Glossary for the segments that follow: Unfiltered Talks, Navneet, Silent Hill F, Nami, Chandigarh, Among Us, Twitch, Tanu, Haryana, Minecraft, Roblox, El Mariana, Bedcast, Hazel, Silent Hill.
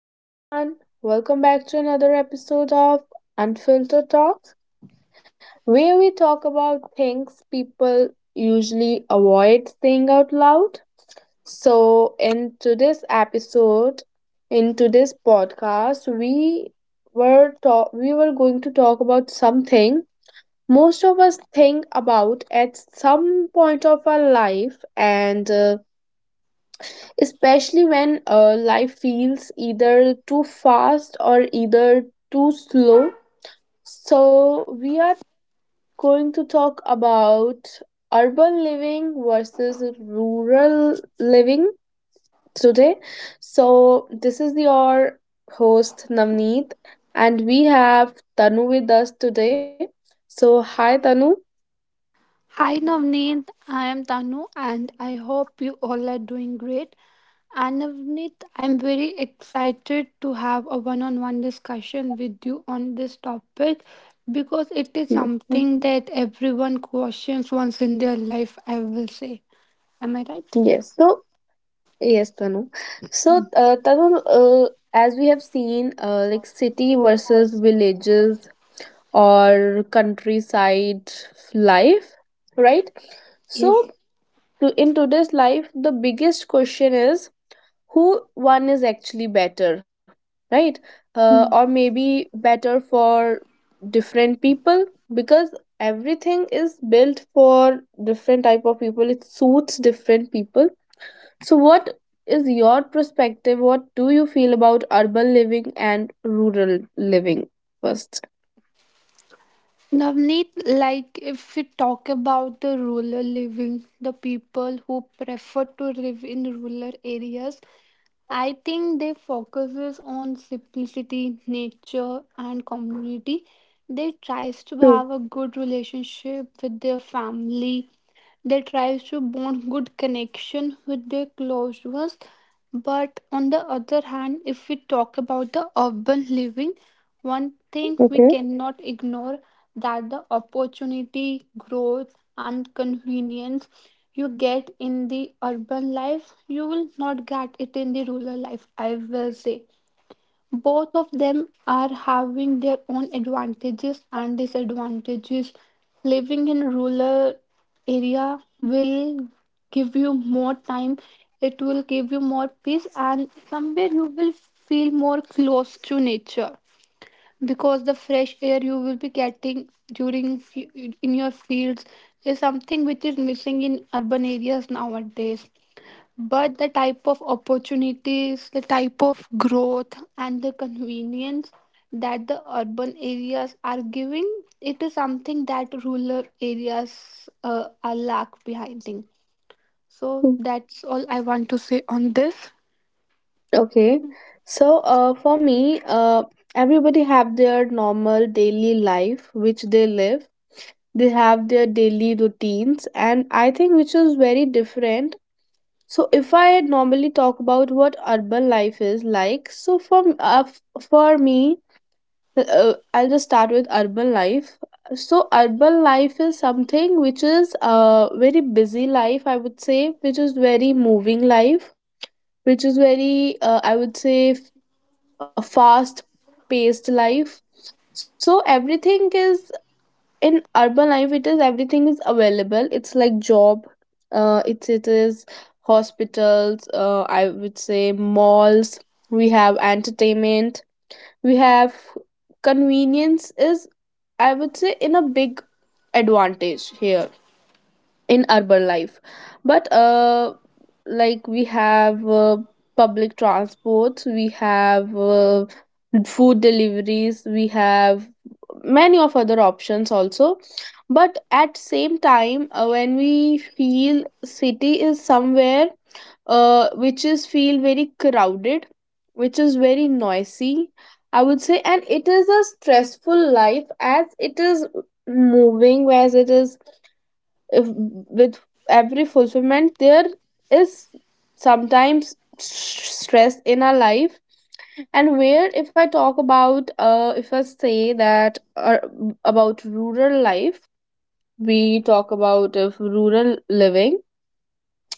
Hello, everyone. Welcome back to another episode of Unfiltered Talks, where we talk about things people usually avoid saying out loud. So, in today's episode, in today's podcast, we were going to talk about something most of us think about at some point of our life and especially when life feels either too fast or either too slow. So, we are going to talk about urban living versus rural living today. So, this is your host Navneet, and we have Tanu with us today. So, hi Tanu. Hi Navneet, I am Tanu and I hope you all are doing great. And Navneet, I'm very excited to have a one on one discussion with you on this topic because it is Yes. something that everyone questions once in their life, I will say. Am I right? Yes. Yes, Tanu. So, Tanu, as we have seen, like city versus villages or countryside life, right? So, Yes. In today's life, the biggest question is who one is actually better, right? Or maybe better for different people, because everything is built for different type of people. It suits different people. So, what is your perspective? What do you feel about urban living and rural living first? Navneet, like if we talk about the rural living, the people who prefer to live in rural areas, I think they focuses on simplicity, nature, and community. They tries to True. have a good relationship with their family. They tries to bond good connection with their close ones. But on the other hand, if we talk about the urban living, one thing we Okay. cannot ignore that the opportunity, growth, and convenience you get in the urban life, you will not get it in the rural life, I will say. Both of them are having their own advantages and disadvantages. Living in rural area will give you more time, it will give you more peace, and somewhere you will feel more close to nature because the fresh air you will be getting in your fields is something which is missing in urban areas nowadays, but the type of opportunities, the type of growth, and the convenience that the urban areas are giving, it is something that rural areas are lack behind. So Mm. that's all I want to say on this. Okay. So, for me, everybody have their normal daily life which they live. They have their daily routines, and I think which is very different. So, if I normally talk about what urban life is like, so for me, I'll just start with urban life. So urban life is something which is a very busy life, I would say, which is very moving life, which is very I would say a fast paced life. So everything is in urban life. It is everything is available. It's like job. It is hospitals. I would say malls. We have entertainment, we have convenience is, I would say, in a big advantage here in urban life. But like we have public transports, we have food deliveries, we have many of other options also. But at same time, when we feel city is somewhere, which is feel very crowded, which is very noisy, I would say, and it is a stressful life. As it is moving, as it is, if, with every fulfillment there is sometimes stress in our life. And where if I talk about, if I say that, about rural life, we talk about if rural living,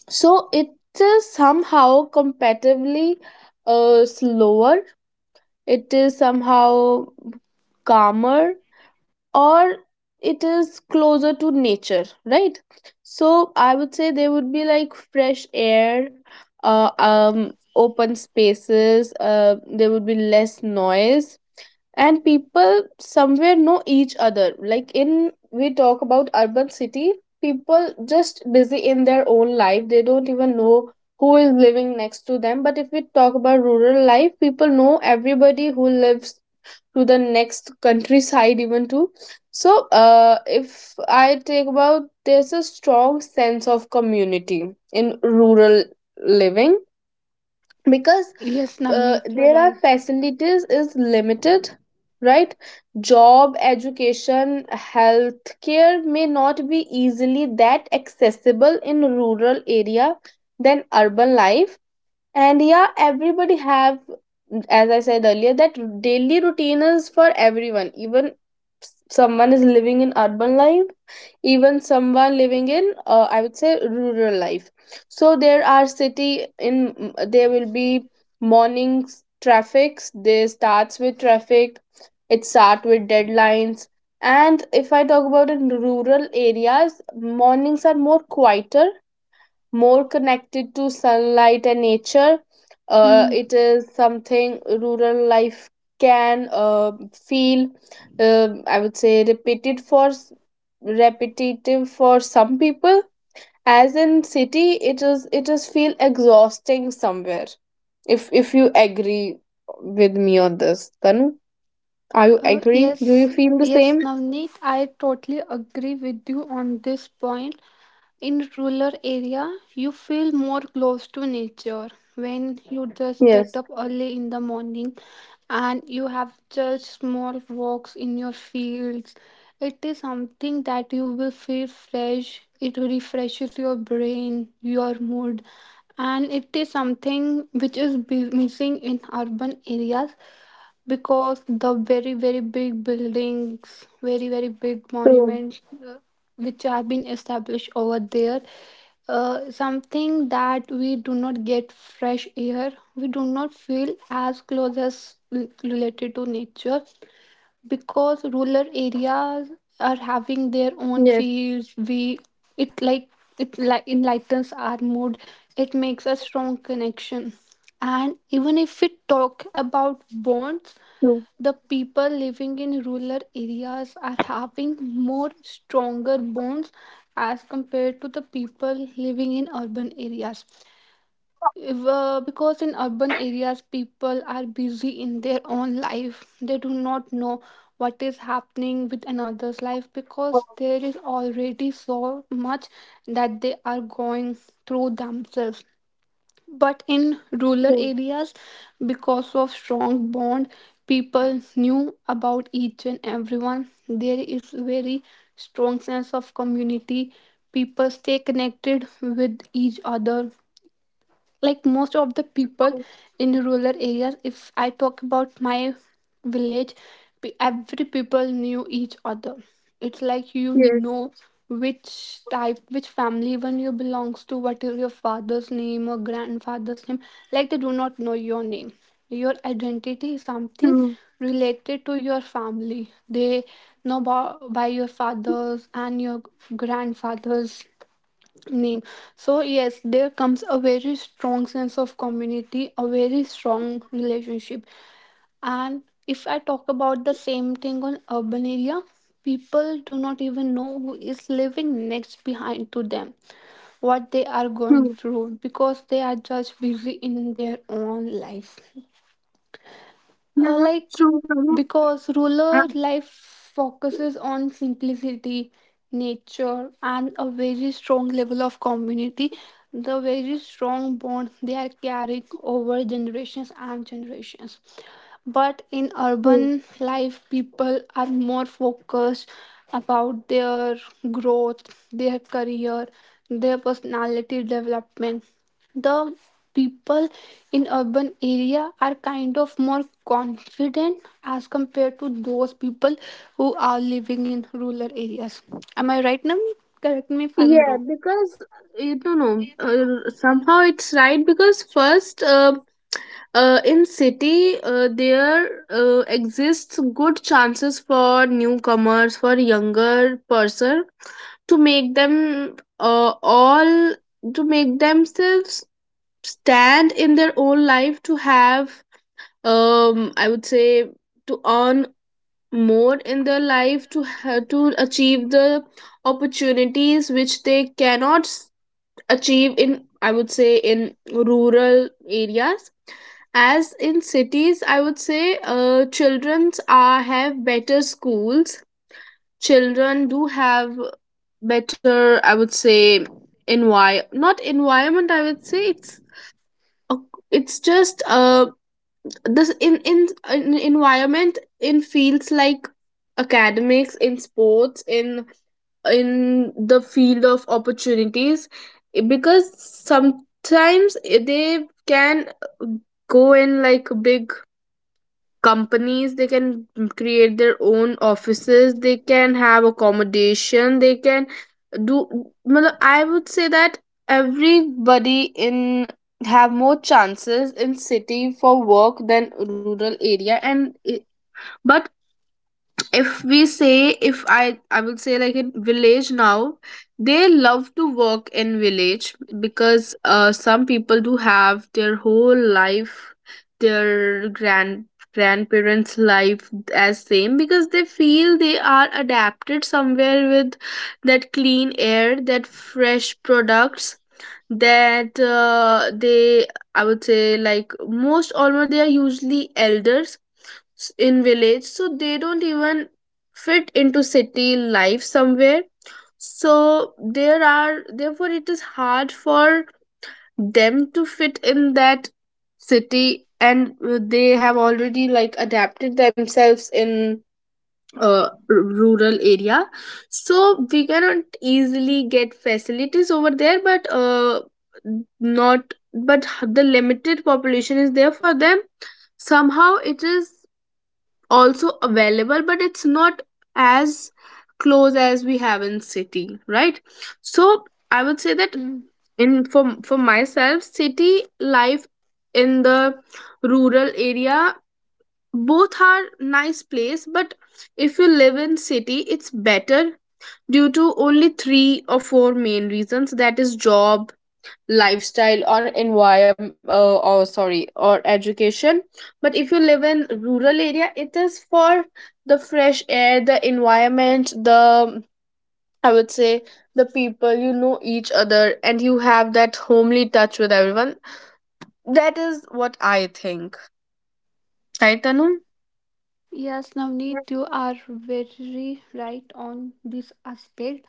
so it is somehow comparatively slower, it is somehow calmer, or it is closer to nature, right? So I would say there would be like fresh air, open spaces, there would be less noise, and people somewhere know each other. Like in, we talk about urban city, people just busy in their own life, they don't even know who is living next to them. But if we talk about rural life, people know everybody who lives to the next countryside even too. So, if I take about, there's a strong sense of community in rural living, because Yes, Navneet, you're there are right. facilities is limited, right? Job, education, healthcare may not be easily that accessible in rural area than urban life. And yeah, everybody have, as I said earlier, that daily routine is for everyone. Even someone is living in urban life, even someone living in, I would say, rural life. So there are city in, there will be mornings traffics, they starts with traffic, it start with deadlines. And if I talk about, in rural areas mornings are more quieter, more connected to sunlight and nature. Hmm. It is something rural life can feel, I would say, repetitive for some people. As in city, it is feel exhausting somewhere. If you agree with me on this, then are you Uh, agree? Do you yes, feel the yes, same? Navneet, I totally agree with you on this point. In rural area, you feel more close to nature when you just get Yes. up early in the morning and you have just small walks in your fields. It is something that you will feel fresh. It refreshes your brain, your mood, and it is something which is missing in urban areas because the very very big buildings, very very big True. monuments, uh, which have been established over there, something that we do not get fresh air, we do not feel as close as related to nature because Yes. rural areas are having their own fields. We it like it like enlightens our mood, it makes a strong connection. And even if we True. talk about bonds, the people living in rural areas are having more stronger bonds as compared to the people living in urban areas. If, because in urban areas people are busy in their own life, they do not know what is happening with another's life because there is already so much that they are going through themselves. But in True. rural areas, because of strong bond, people knew about each and everyone. There is very strong sense of community, people stay connected with each other, like most of the True. people in rural areas. If I talk about my village, every people knew each other. It's like, you Yes. know, which type, which family even you belongs to, what is your father's name or grandfather's name. Like, they do not know your name. Your identity is True. something related to your family. They know by your fathers and your grandfathers name. So, yes, there comes a very strong sense of community, a very strong relationship. And if I talk about the same thing on urban area, people do not even know who is living next behind to them, what they are going True. through because they are just busy in their own life. Yeah. Like True. because rural life focuses on simplicity, nature, and a very strong level of community, the very strong bond they are carrying over generations and generations. But in Absolutely. urban life, people are more focused about their growth, their career, their personality development. The people in urban area are kind of more confident as compared to those people who are living in rural areas. Am I right, Nami? Correct me if I'm Yeah, wrong. because you don't know no, somehow it's right. Because first, in city there exists good chances for newcomers, for younger person, to make themselves stand in their own life, to have, I would say, to earn more in their life, to to achieve the opportunities which they cannot achieve in, I would say, in rural areas. As in cities, I would say, children are have better schools, children do have better, I would say, envi not environment. I would say it's it's just a this in environment, in fields like academics, in sports, in the field of opportunities. Because sometimes, they can go in like big companies, they can create their own offices, they can have accommodation, they can do matlab. I would say that everybody in have more chances in city for work than rural area. And but if we say, if I would say, like in village now they love to work in village, because some people do have their whole life, their grandparents life as same. Because they feel they are adapted somewhere with that clean air, that fresh products, that they, I would say, like most almost they are usually elders in village, so they don't even fit into city life somewhere. So there are, therefore it is hard for them to fit in that city. And they have already like adapted themselves in, uh, rural area. So we cannot easily get facilities over there, but not but the limited population is there for them, somehow it is also available, but it's not as close as we have in city, right? So I would say that Hmm. in for myself, city life in the rural area, both are nice place. But if you live in city, it's better due to only three or four main reasons, that is job, lifestyle or environment, or sorry, or education. But if you live in rural area, it is for the fresh air, the environment, the, I would say, the people you know each other, and you have that homely touch with everyone. That is what I think, right Tanu? Yes, Navneet, you are very right on this aspect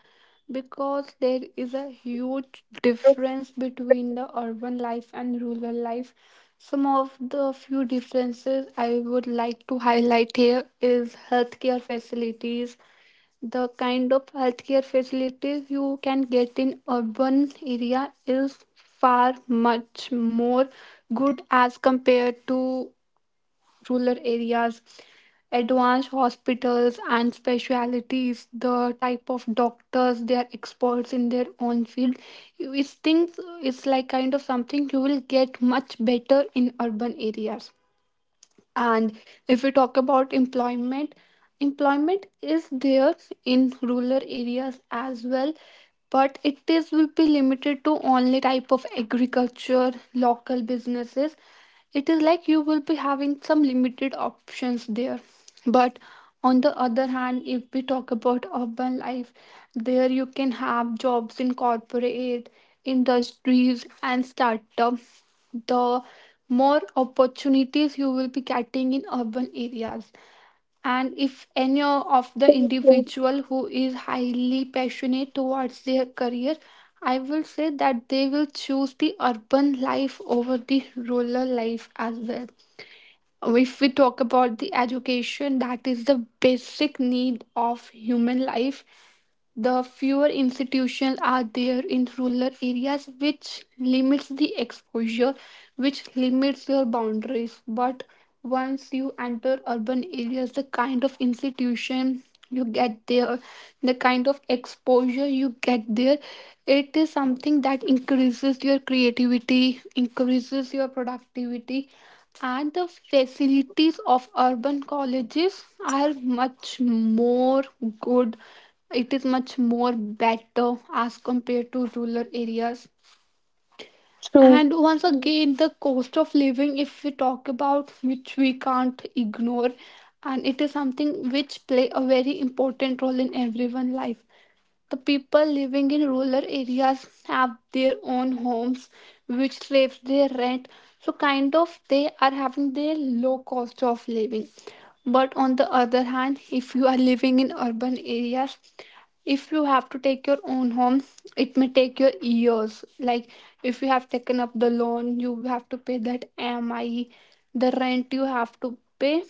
because there is a huge difference between the urban life and rural life. Some of the few differences I would like to highlight here is healthcare facilities. The kind of healthcare facilities you can get in urban area is far much more good as compared to rural areas, advanced hospitals and specialities, the type of doctors they are experts in their own field. It's things, it's like kind of something you will get much better in urban areas. And if we talk about employment, employment is there in rural areas as well, but it is will be limited to only type of agriculture, local businesses. It is like you will be having some limited options there. But on the other hand, if we talk about urban life, there you can have jobs in corporate industries and startup. The more opportunities you will be getting in urban areas. And if any of the Yeah, that's individual who is highly passionate towards their career, I will say that they will choose the urban life over the rural life as well. If we talk about the education, that is the basic need of human life. The fewer institutions are there in rural areas, which limits the exposure, which limits your boundaries. But once you enter urban areas, the kind of institution you get there, the kind of exposure you get there, it is something that increases your creativity, increases your productivity, and the facilities of urban colleges are much more good. It is much more better as compared to rural areas. so true. And once again, the cost of living, if we talk about, which we can't ignore, and it is something which play a very important role in everyone's life. The people living in rural areas have their own homes, which saves their rent. So, kind of, they are having their low cost of living. But on the other hand, if you are living in urban areas, if you have to take your own home, it may take your years. Like if you have taken up the loan, you have to pay that MI, the rent you have to pay.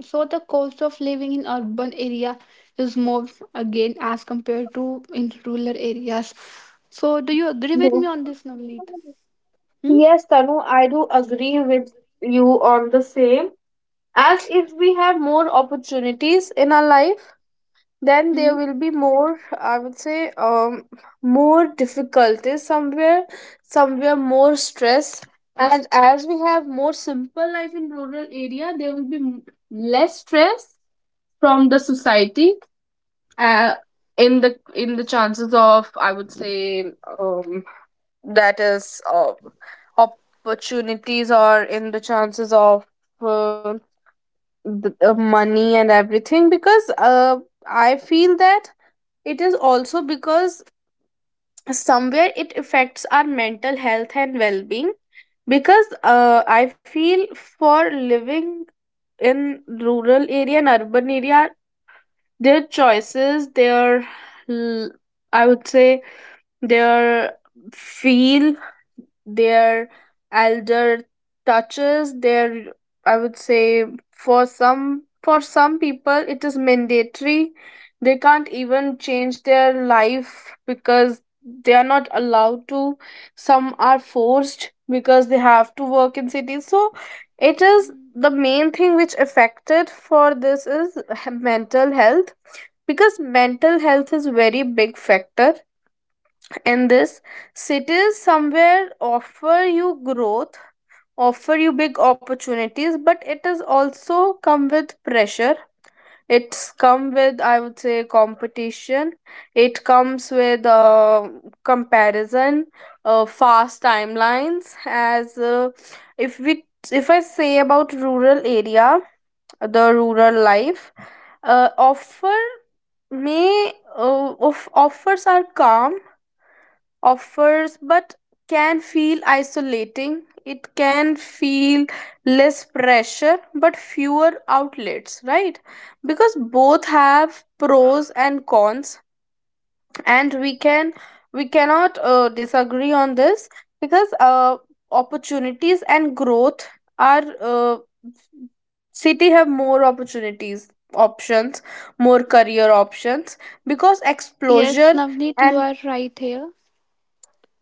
So the cost of living in urban area is more again as compared to in rural areas. So do you agree with Yeah. me on this, Navneet? Hmm? Yes, Tanu, I do agree with you on the same. As if we have more opportunities in our life, then there Hmm? will be more, I would say, more difficulties somewhere, somewhere more stress. And as we have more simple life in rural area, there will be less stress from the society. Uh, in the chances of, I would say, um, that is opportunities, or in the chances of, uh, money and everything. Because I feel that it is also because somewhere it affects our mental health and well-being. Because I feel for living in rural area and urban area, their choices, l- I would say their feel, their elder touches, their, I would say, for some, for some people it is mandatory, they can't even change their life because they are not allowed to. Some are forced because they have to work in cities. So it is the main thing which affected for this is mental health, because mental health is very big factor in this. Cities somewhere offer you growth, offer you big opportunities, but it is also come with pressure. It's come with, I would say, competition. It comes with comparison, fast timelines. As uh, if we if i say about rural area, the rural life offer may of offers are calm offers, but can feel isolating. It can feel less pressure but fewer outlets, right? Because both have pros and cons, and we cannot disagree on this because opportunities and growth are city have more opportunities, options, more career options because exposure, Yes, Navneet, and you are right here.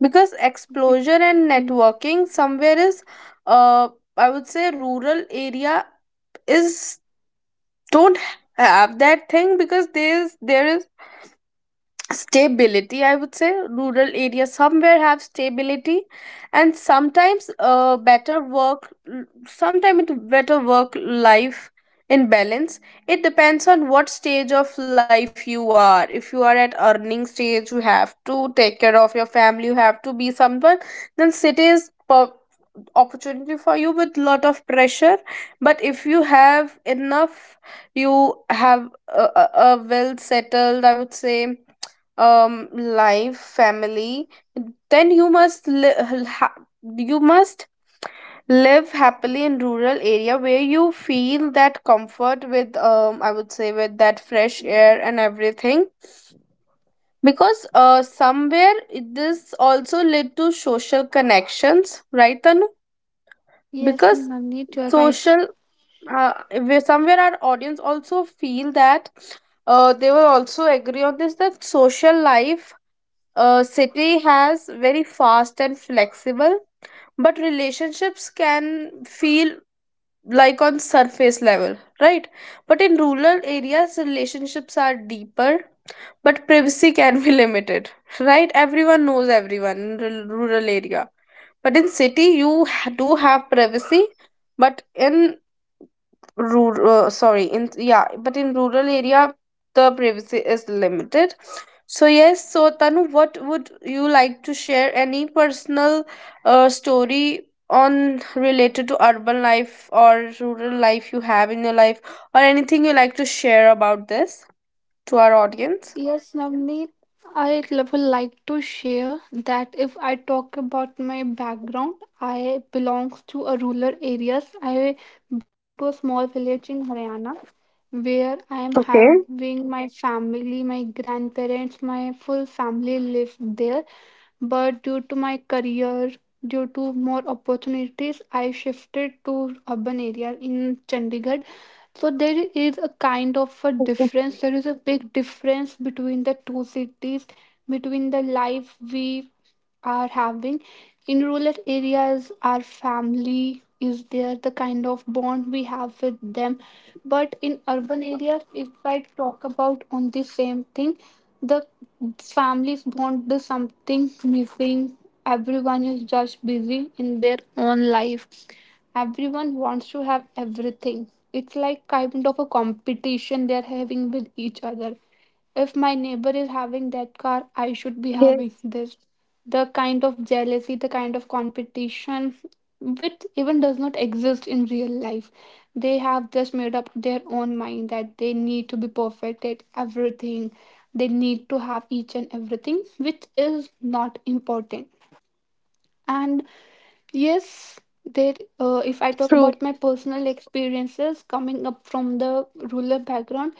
because exposure and Hmm. networking somewhere is uh I would say rural area is don't have that thing because there is stability. I would say rural areas somewhere have stability and sometimes better work, sometimes it better work life in balance. It depends on what stage of life you are. If you are at earning stage, you have to take care of your family, you have to be someone, then cities opportunity for you with lot of pressure. But if you have enough, you have a well settled, I would say, life, family, then you must ha- you must live happily in rural area where you feel that comfort with I would say with that fresh air and everything because somewhere this also led to social connections, right, Tanu? Yes, Because Navneet, you are right. social, uh, where somewhere our audience also feel that they will also agree on this, that social life, city has very fast and flexible but relationships can feel like on surface level, right? But in rural areas relationships are deeper but privacy can be limited. Right, everyone knows everyone in rural area, but in city you do have privacy, but in rural sorry, in, yeah, but in rural area the privacy is limited. So yes, so Tanu, what would you like to share? Any personal story on related to urban life or rural life you have in your life, or anything you like to share about this to our audience? Yes, Navneet, I would like to share that if I talk about my background, I belong to a rural areas. I belong to a small village in Haryana where I am Okay. having my family, my grandparents, my full family live there. But due to my career, due to more opportunities, I shifted to urban area in Chandigarh. So there is a kind of a difference, there is a big difference between the two cities, between the life we are having. In rural areas, our family is there, the kind of bond we have with them. But in urban areas, if I talk about on the same thing, the families bond is something missing. Everyone is just busy in their own life. Everyone wants to have everything. It's like kind of a competition they're having with each other. If my neighbor is having that car, Yes, I should be having this. The kind of jealousy, the kind of competition, which even does not exist in real life. They have just made up their own mind that they need to be perfect at everything. They need to have each and everything, which is not important. And yes, true. there, if I talk about my personal experiences, coming up from the rural background,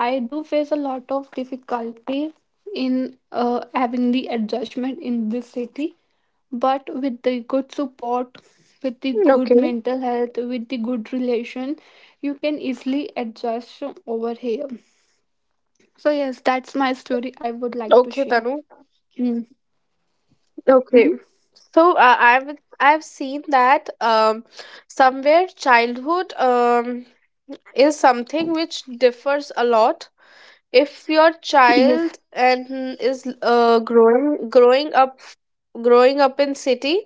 I do face a lot of difficulty in having the adjustment in this city. But with the good support, with the Okay. good mental health, with the good relation, you can easily adjust over here. So yes, that's my story I would like to Okay, share. Tanu. Mm-hmm. Okay. So I've seen that somewhere childhood is something which differs a lot. If your Yes. child and is growing up in city,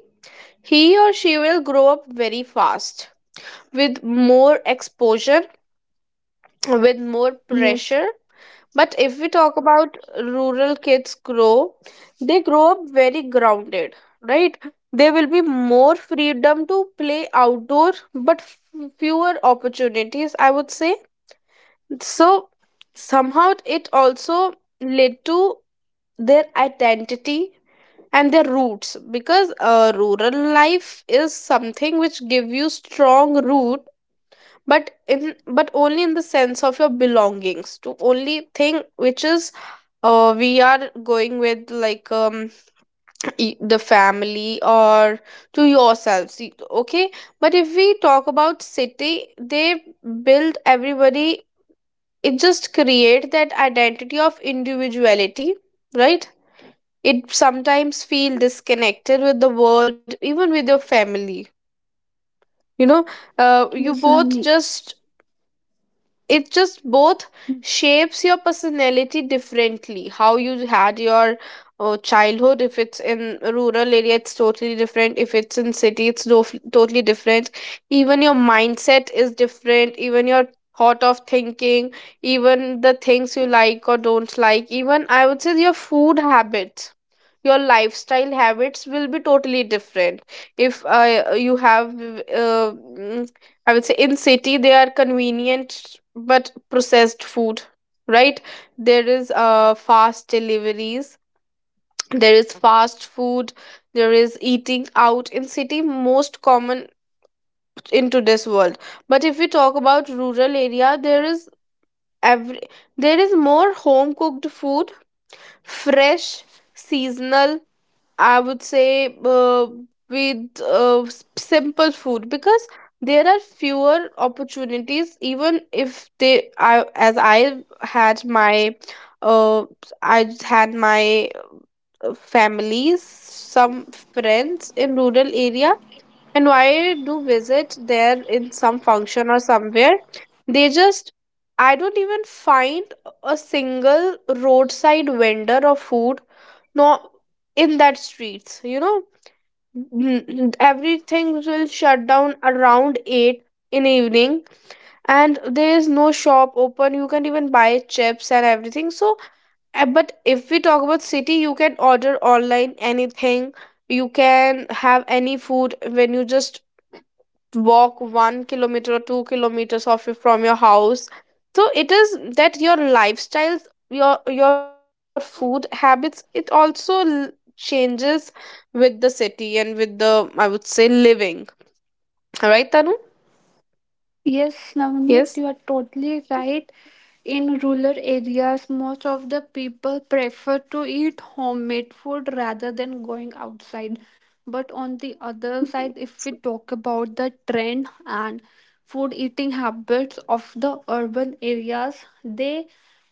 he or she will grow up very fast, with more exposure, with more Yes. pressure. But if we talk about rural kids grow, they grow up very grounded, right? There will be more freedom to play outdoor, but fewer opportunities, I would say. So somehow it also led to their identity and their roots because rural life is something which give you strong root, but in, but only in the sense of your belongings, to only thing which is, we are going with like the family, or to yourselves, okay. But if we talk about city, they build everybody, it just create that identity of individuality, right? It sometimes feel disconnected with the world, even with your family, you know, you Yes, both Navneet. just, it just both shapes your personality differently. How you had your childhood, if it's in rural area it's totally different, if it's in city it's totally different. Even your mindset is different, even your thought of thinking, even the things you like or don't like, even I would say your food habits, your lifestyle habits will be totally different. If you have uh, mm, I would say in city they are convenient but processed food, right? There is fast deliveries, there is fast food, there is eating out in city, most common in today's world. But if we talk about rural area, there is every, there is more home cooked food, fresh, seasonal, I would say, with simple food because there are fewer opportunities. Even if they, I, as uh, I had my families, some friends in rural area, and why do visit there in some function or somewhere? They just, I don't even find a single roadside vendor of food, no, in that streets, you know. Everything will shut down around 8 in evening, and there is no shop open. You can't even buy chips and everything. So but if we talk about city, you can order online anything, you can have any food when you just walk 1 kilometer or 2 kilometers from your house. So it is that your lifestyles, your food habits it also changes with the city and with the, I would say, living, right, Tanu? Yes, Navneet, you Yes. are totally right. In rural areas, most of the people prefer to eat homemade food rather than going outside. But on the other side, if we talk about the trend and food eating habits of the urban areas, they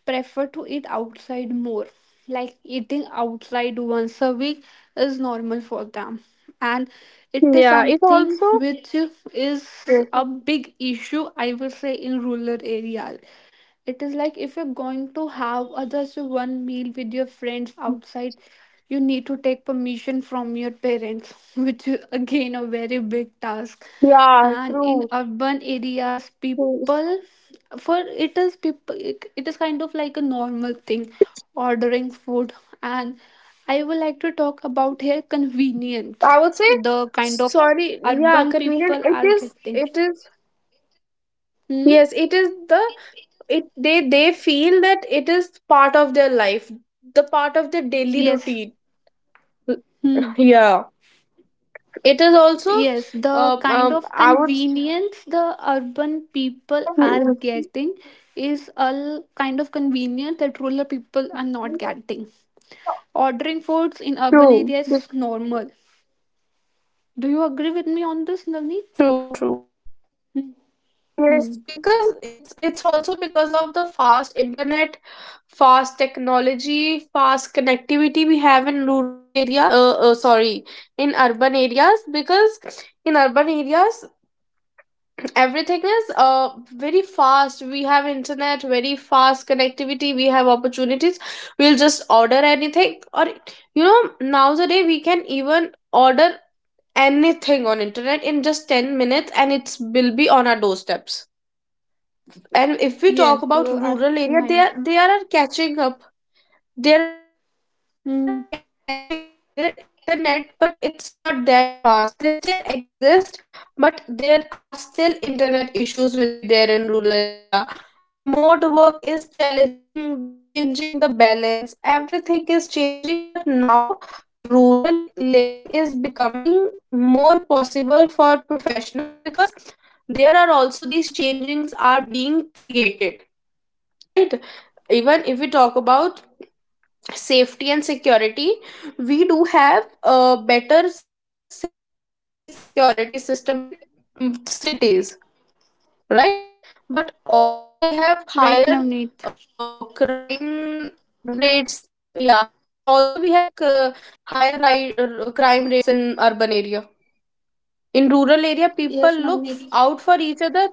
prefer to eat outside more. Like, eating outside once a week is normal for them, and it is Yeah, it something also. which is Yes. a big issue, I will say. In rural areas, it is like if you're going to have a just one meal with your friends outside, you need to take permission from your parents which is again a very big task. Yeah, And in true. urban areas Yes. people, for it is people, it is kind of like a normal thing, ordering food. And I would like to talk about here convenience, I would say, the kind of sorry, yeah, urban convenient, people it are is, getting. it is. Hmm? Yes, it is the, it they feel that it is part of their life, the part of their daily Yes. routine. Hmm. Yeah, it is also. Yes, the kind of I would convenience the urban people are getting is a kind of convenience that rural people are not getting. Ordering foods in urban true areas is normal. Do you agree with me on true, this, true. Navneet? Yes, because Hmm. it's also because of the fast internet, fast technology, fast connectivity we have in rural area sorry, in urban areas, because in urban areas everything is very fast, we have internet very fast connectivity, we have opportunities, we'll just order anything, or you know, nowadays we can even order anything on internet in just 10 minutes and it will be on our doorsteps. And if we Yes, you talk are about rural nine. area, they are catching up, they are catching Hmm. up their internet, but it's not that fast, they still exist. But there are still internet issues will be there in rural area. Remote work is challenging, changing the balance, everything is changing, but now rural living is becoming more possible for professionals because there are also these changings are being created, right? Even if we talk about safety and security, we do have a better safety security system in cities, right? But also we have higher Right, Navneet. crime rates. Yeah, but also we have higher crime rates in urban area. In rural area people look Yes, out for each Navneet. other.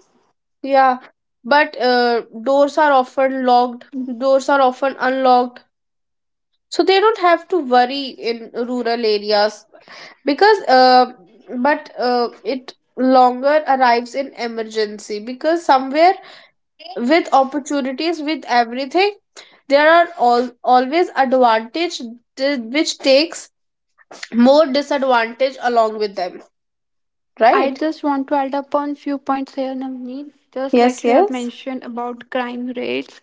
Yeah. But doors are often locked, doors are often unlocked, so they don't have to worry in rural areas because but it longer arrives in emergency because somewhere with opportunities, with everything, there are all always advantage which takes more disadvantage along with them, I right? just want to add upon few points here, Navneet. Just like Yes, you have yes. mentioned about crime rates,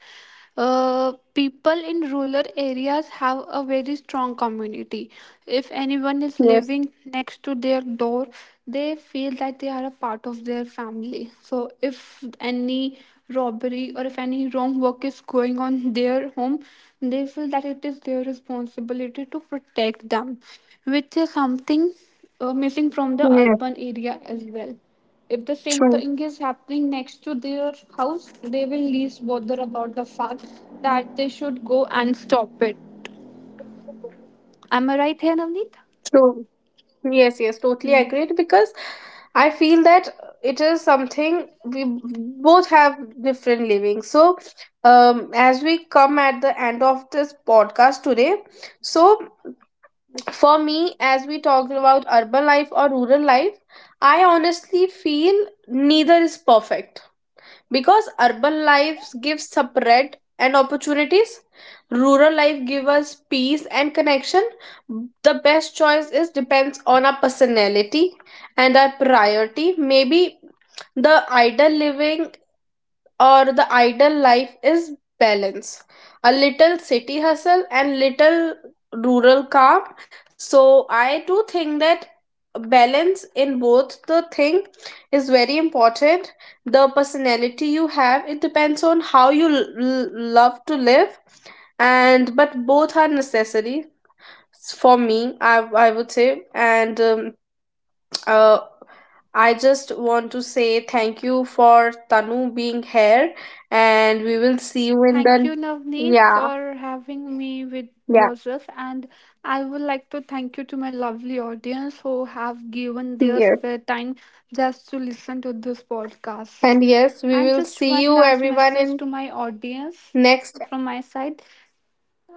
people in rural areas have a very strong community. If anyone is Yes, living next to their door, they feel that they are a part of their family. So if any robbery or if any wrong work is going on their home, they feel that it is their responsibility to protect them, which is yes, something missing from the urban true, area as well. If the same thing is happening next to their house, they will least bother about the fact that they should go and stop it. Am I right true. here, Navneet? Yes, yes, totally agreed because Hmm. I feel that it is something we both have different living. So, as we come at the end of this podcast today, so for me, as we talked about urban life or rural life, I honestly feel neither is perfect because urban life gives separate and opportunities, rural life gives us peace and connection. The best choice is depends on our personality and our priority. Maybe the ideal living, or the ideal life, is balance, a little city hustle and little rural calm. So I do think that balance in both the thing is very important. The personality you have, it depends on how you love to live, and but both are necessary. For me, I would say, and uh, I just want to say thank you for Tanu being here, and we will see you in Thank the... you, Navneet, Yeah. for having me with Yeah. yourself. And I would like to thank you to my lovely audience who have given their Yes, spare time just to listen to this podcast. and yes, we And will just see one you last everyone message in to my audience next. from my side.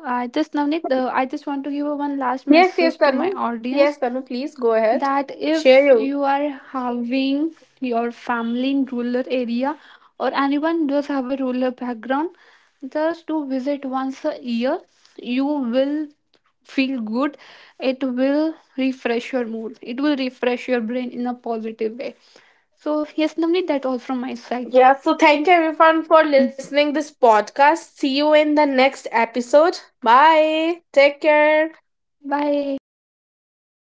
I just, Navneet, I just want to give a one last Yes, yes, message to Tanu. my audience Yes, Tanu, please go ahead, that share if you. you are having your family in rural area, or anyone does have a rural background, just to visit once a year, you will feel good. It will refresh your mood, it will refresh your brain in a positive way. So yes, Namni, that all from my side. Yeah, so thank you everyone for Mm. listening this podcast, see you in the next episode, bye, take care. Bye bye.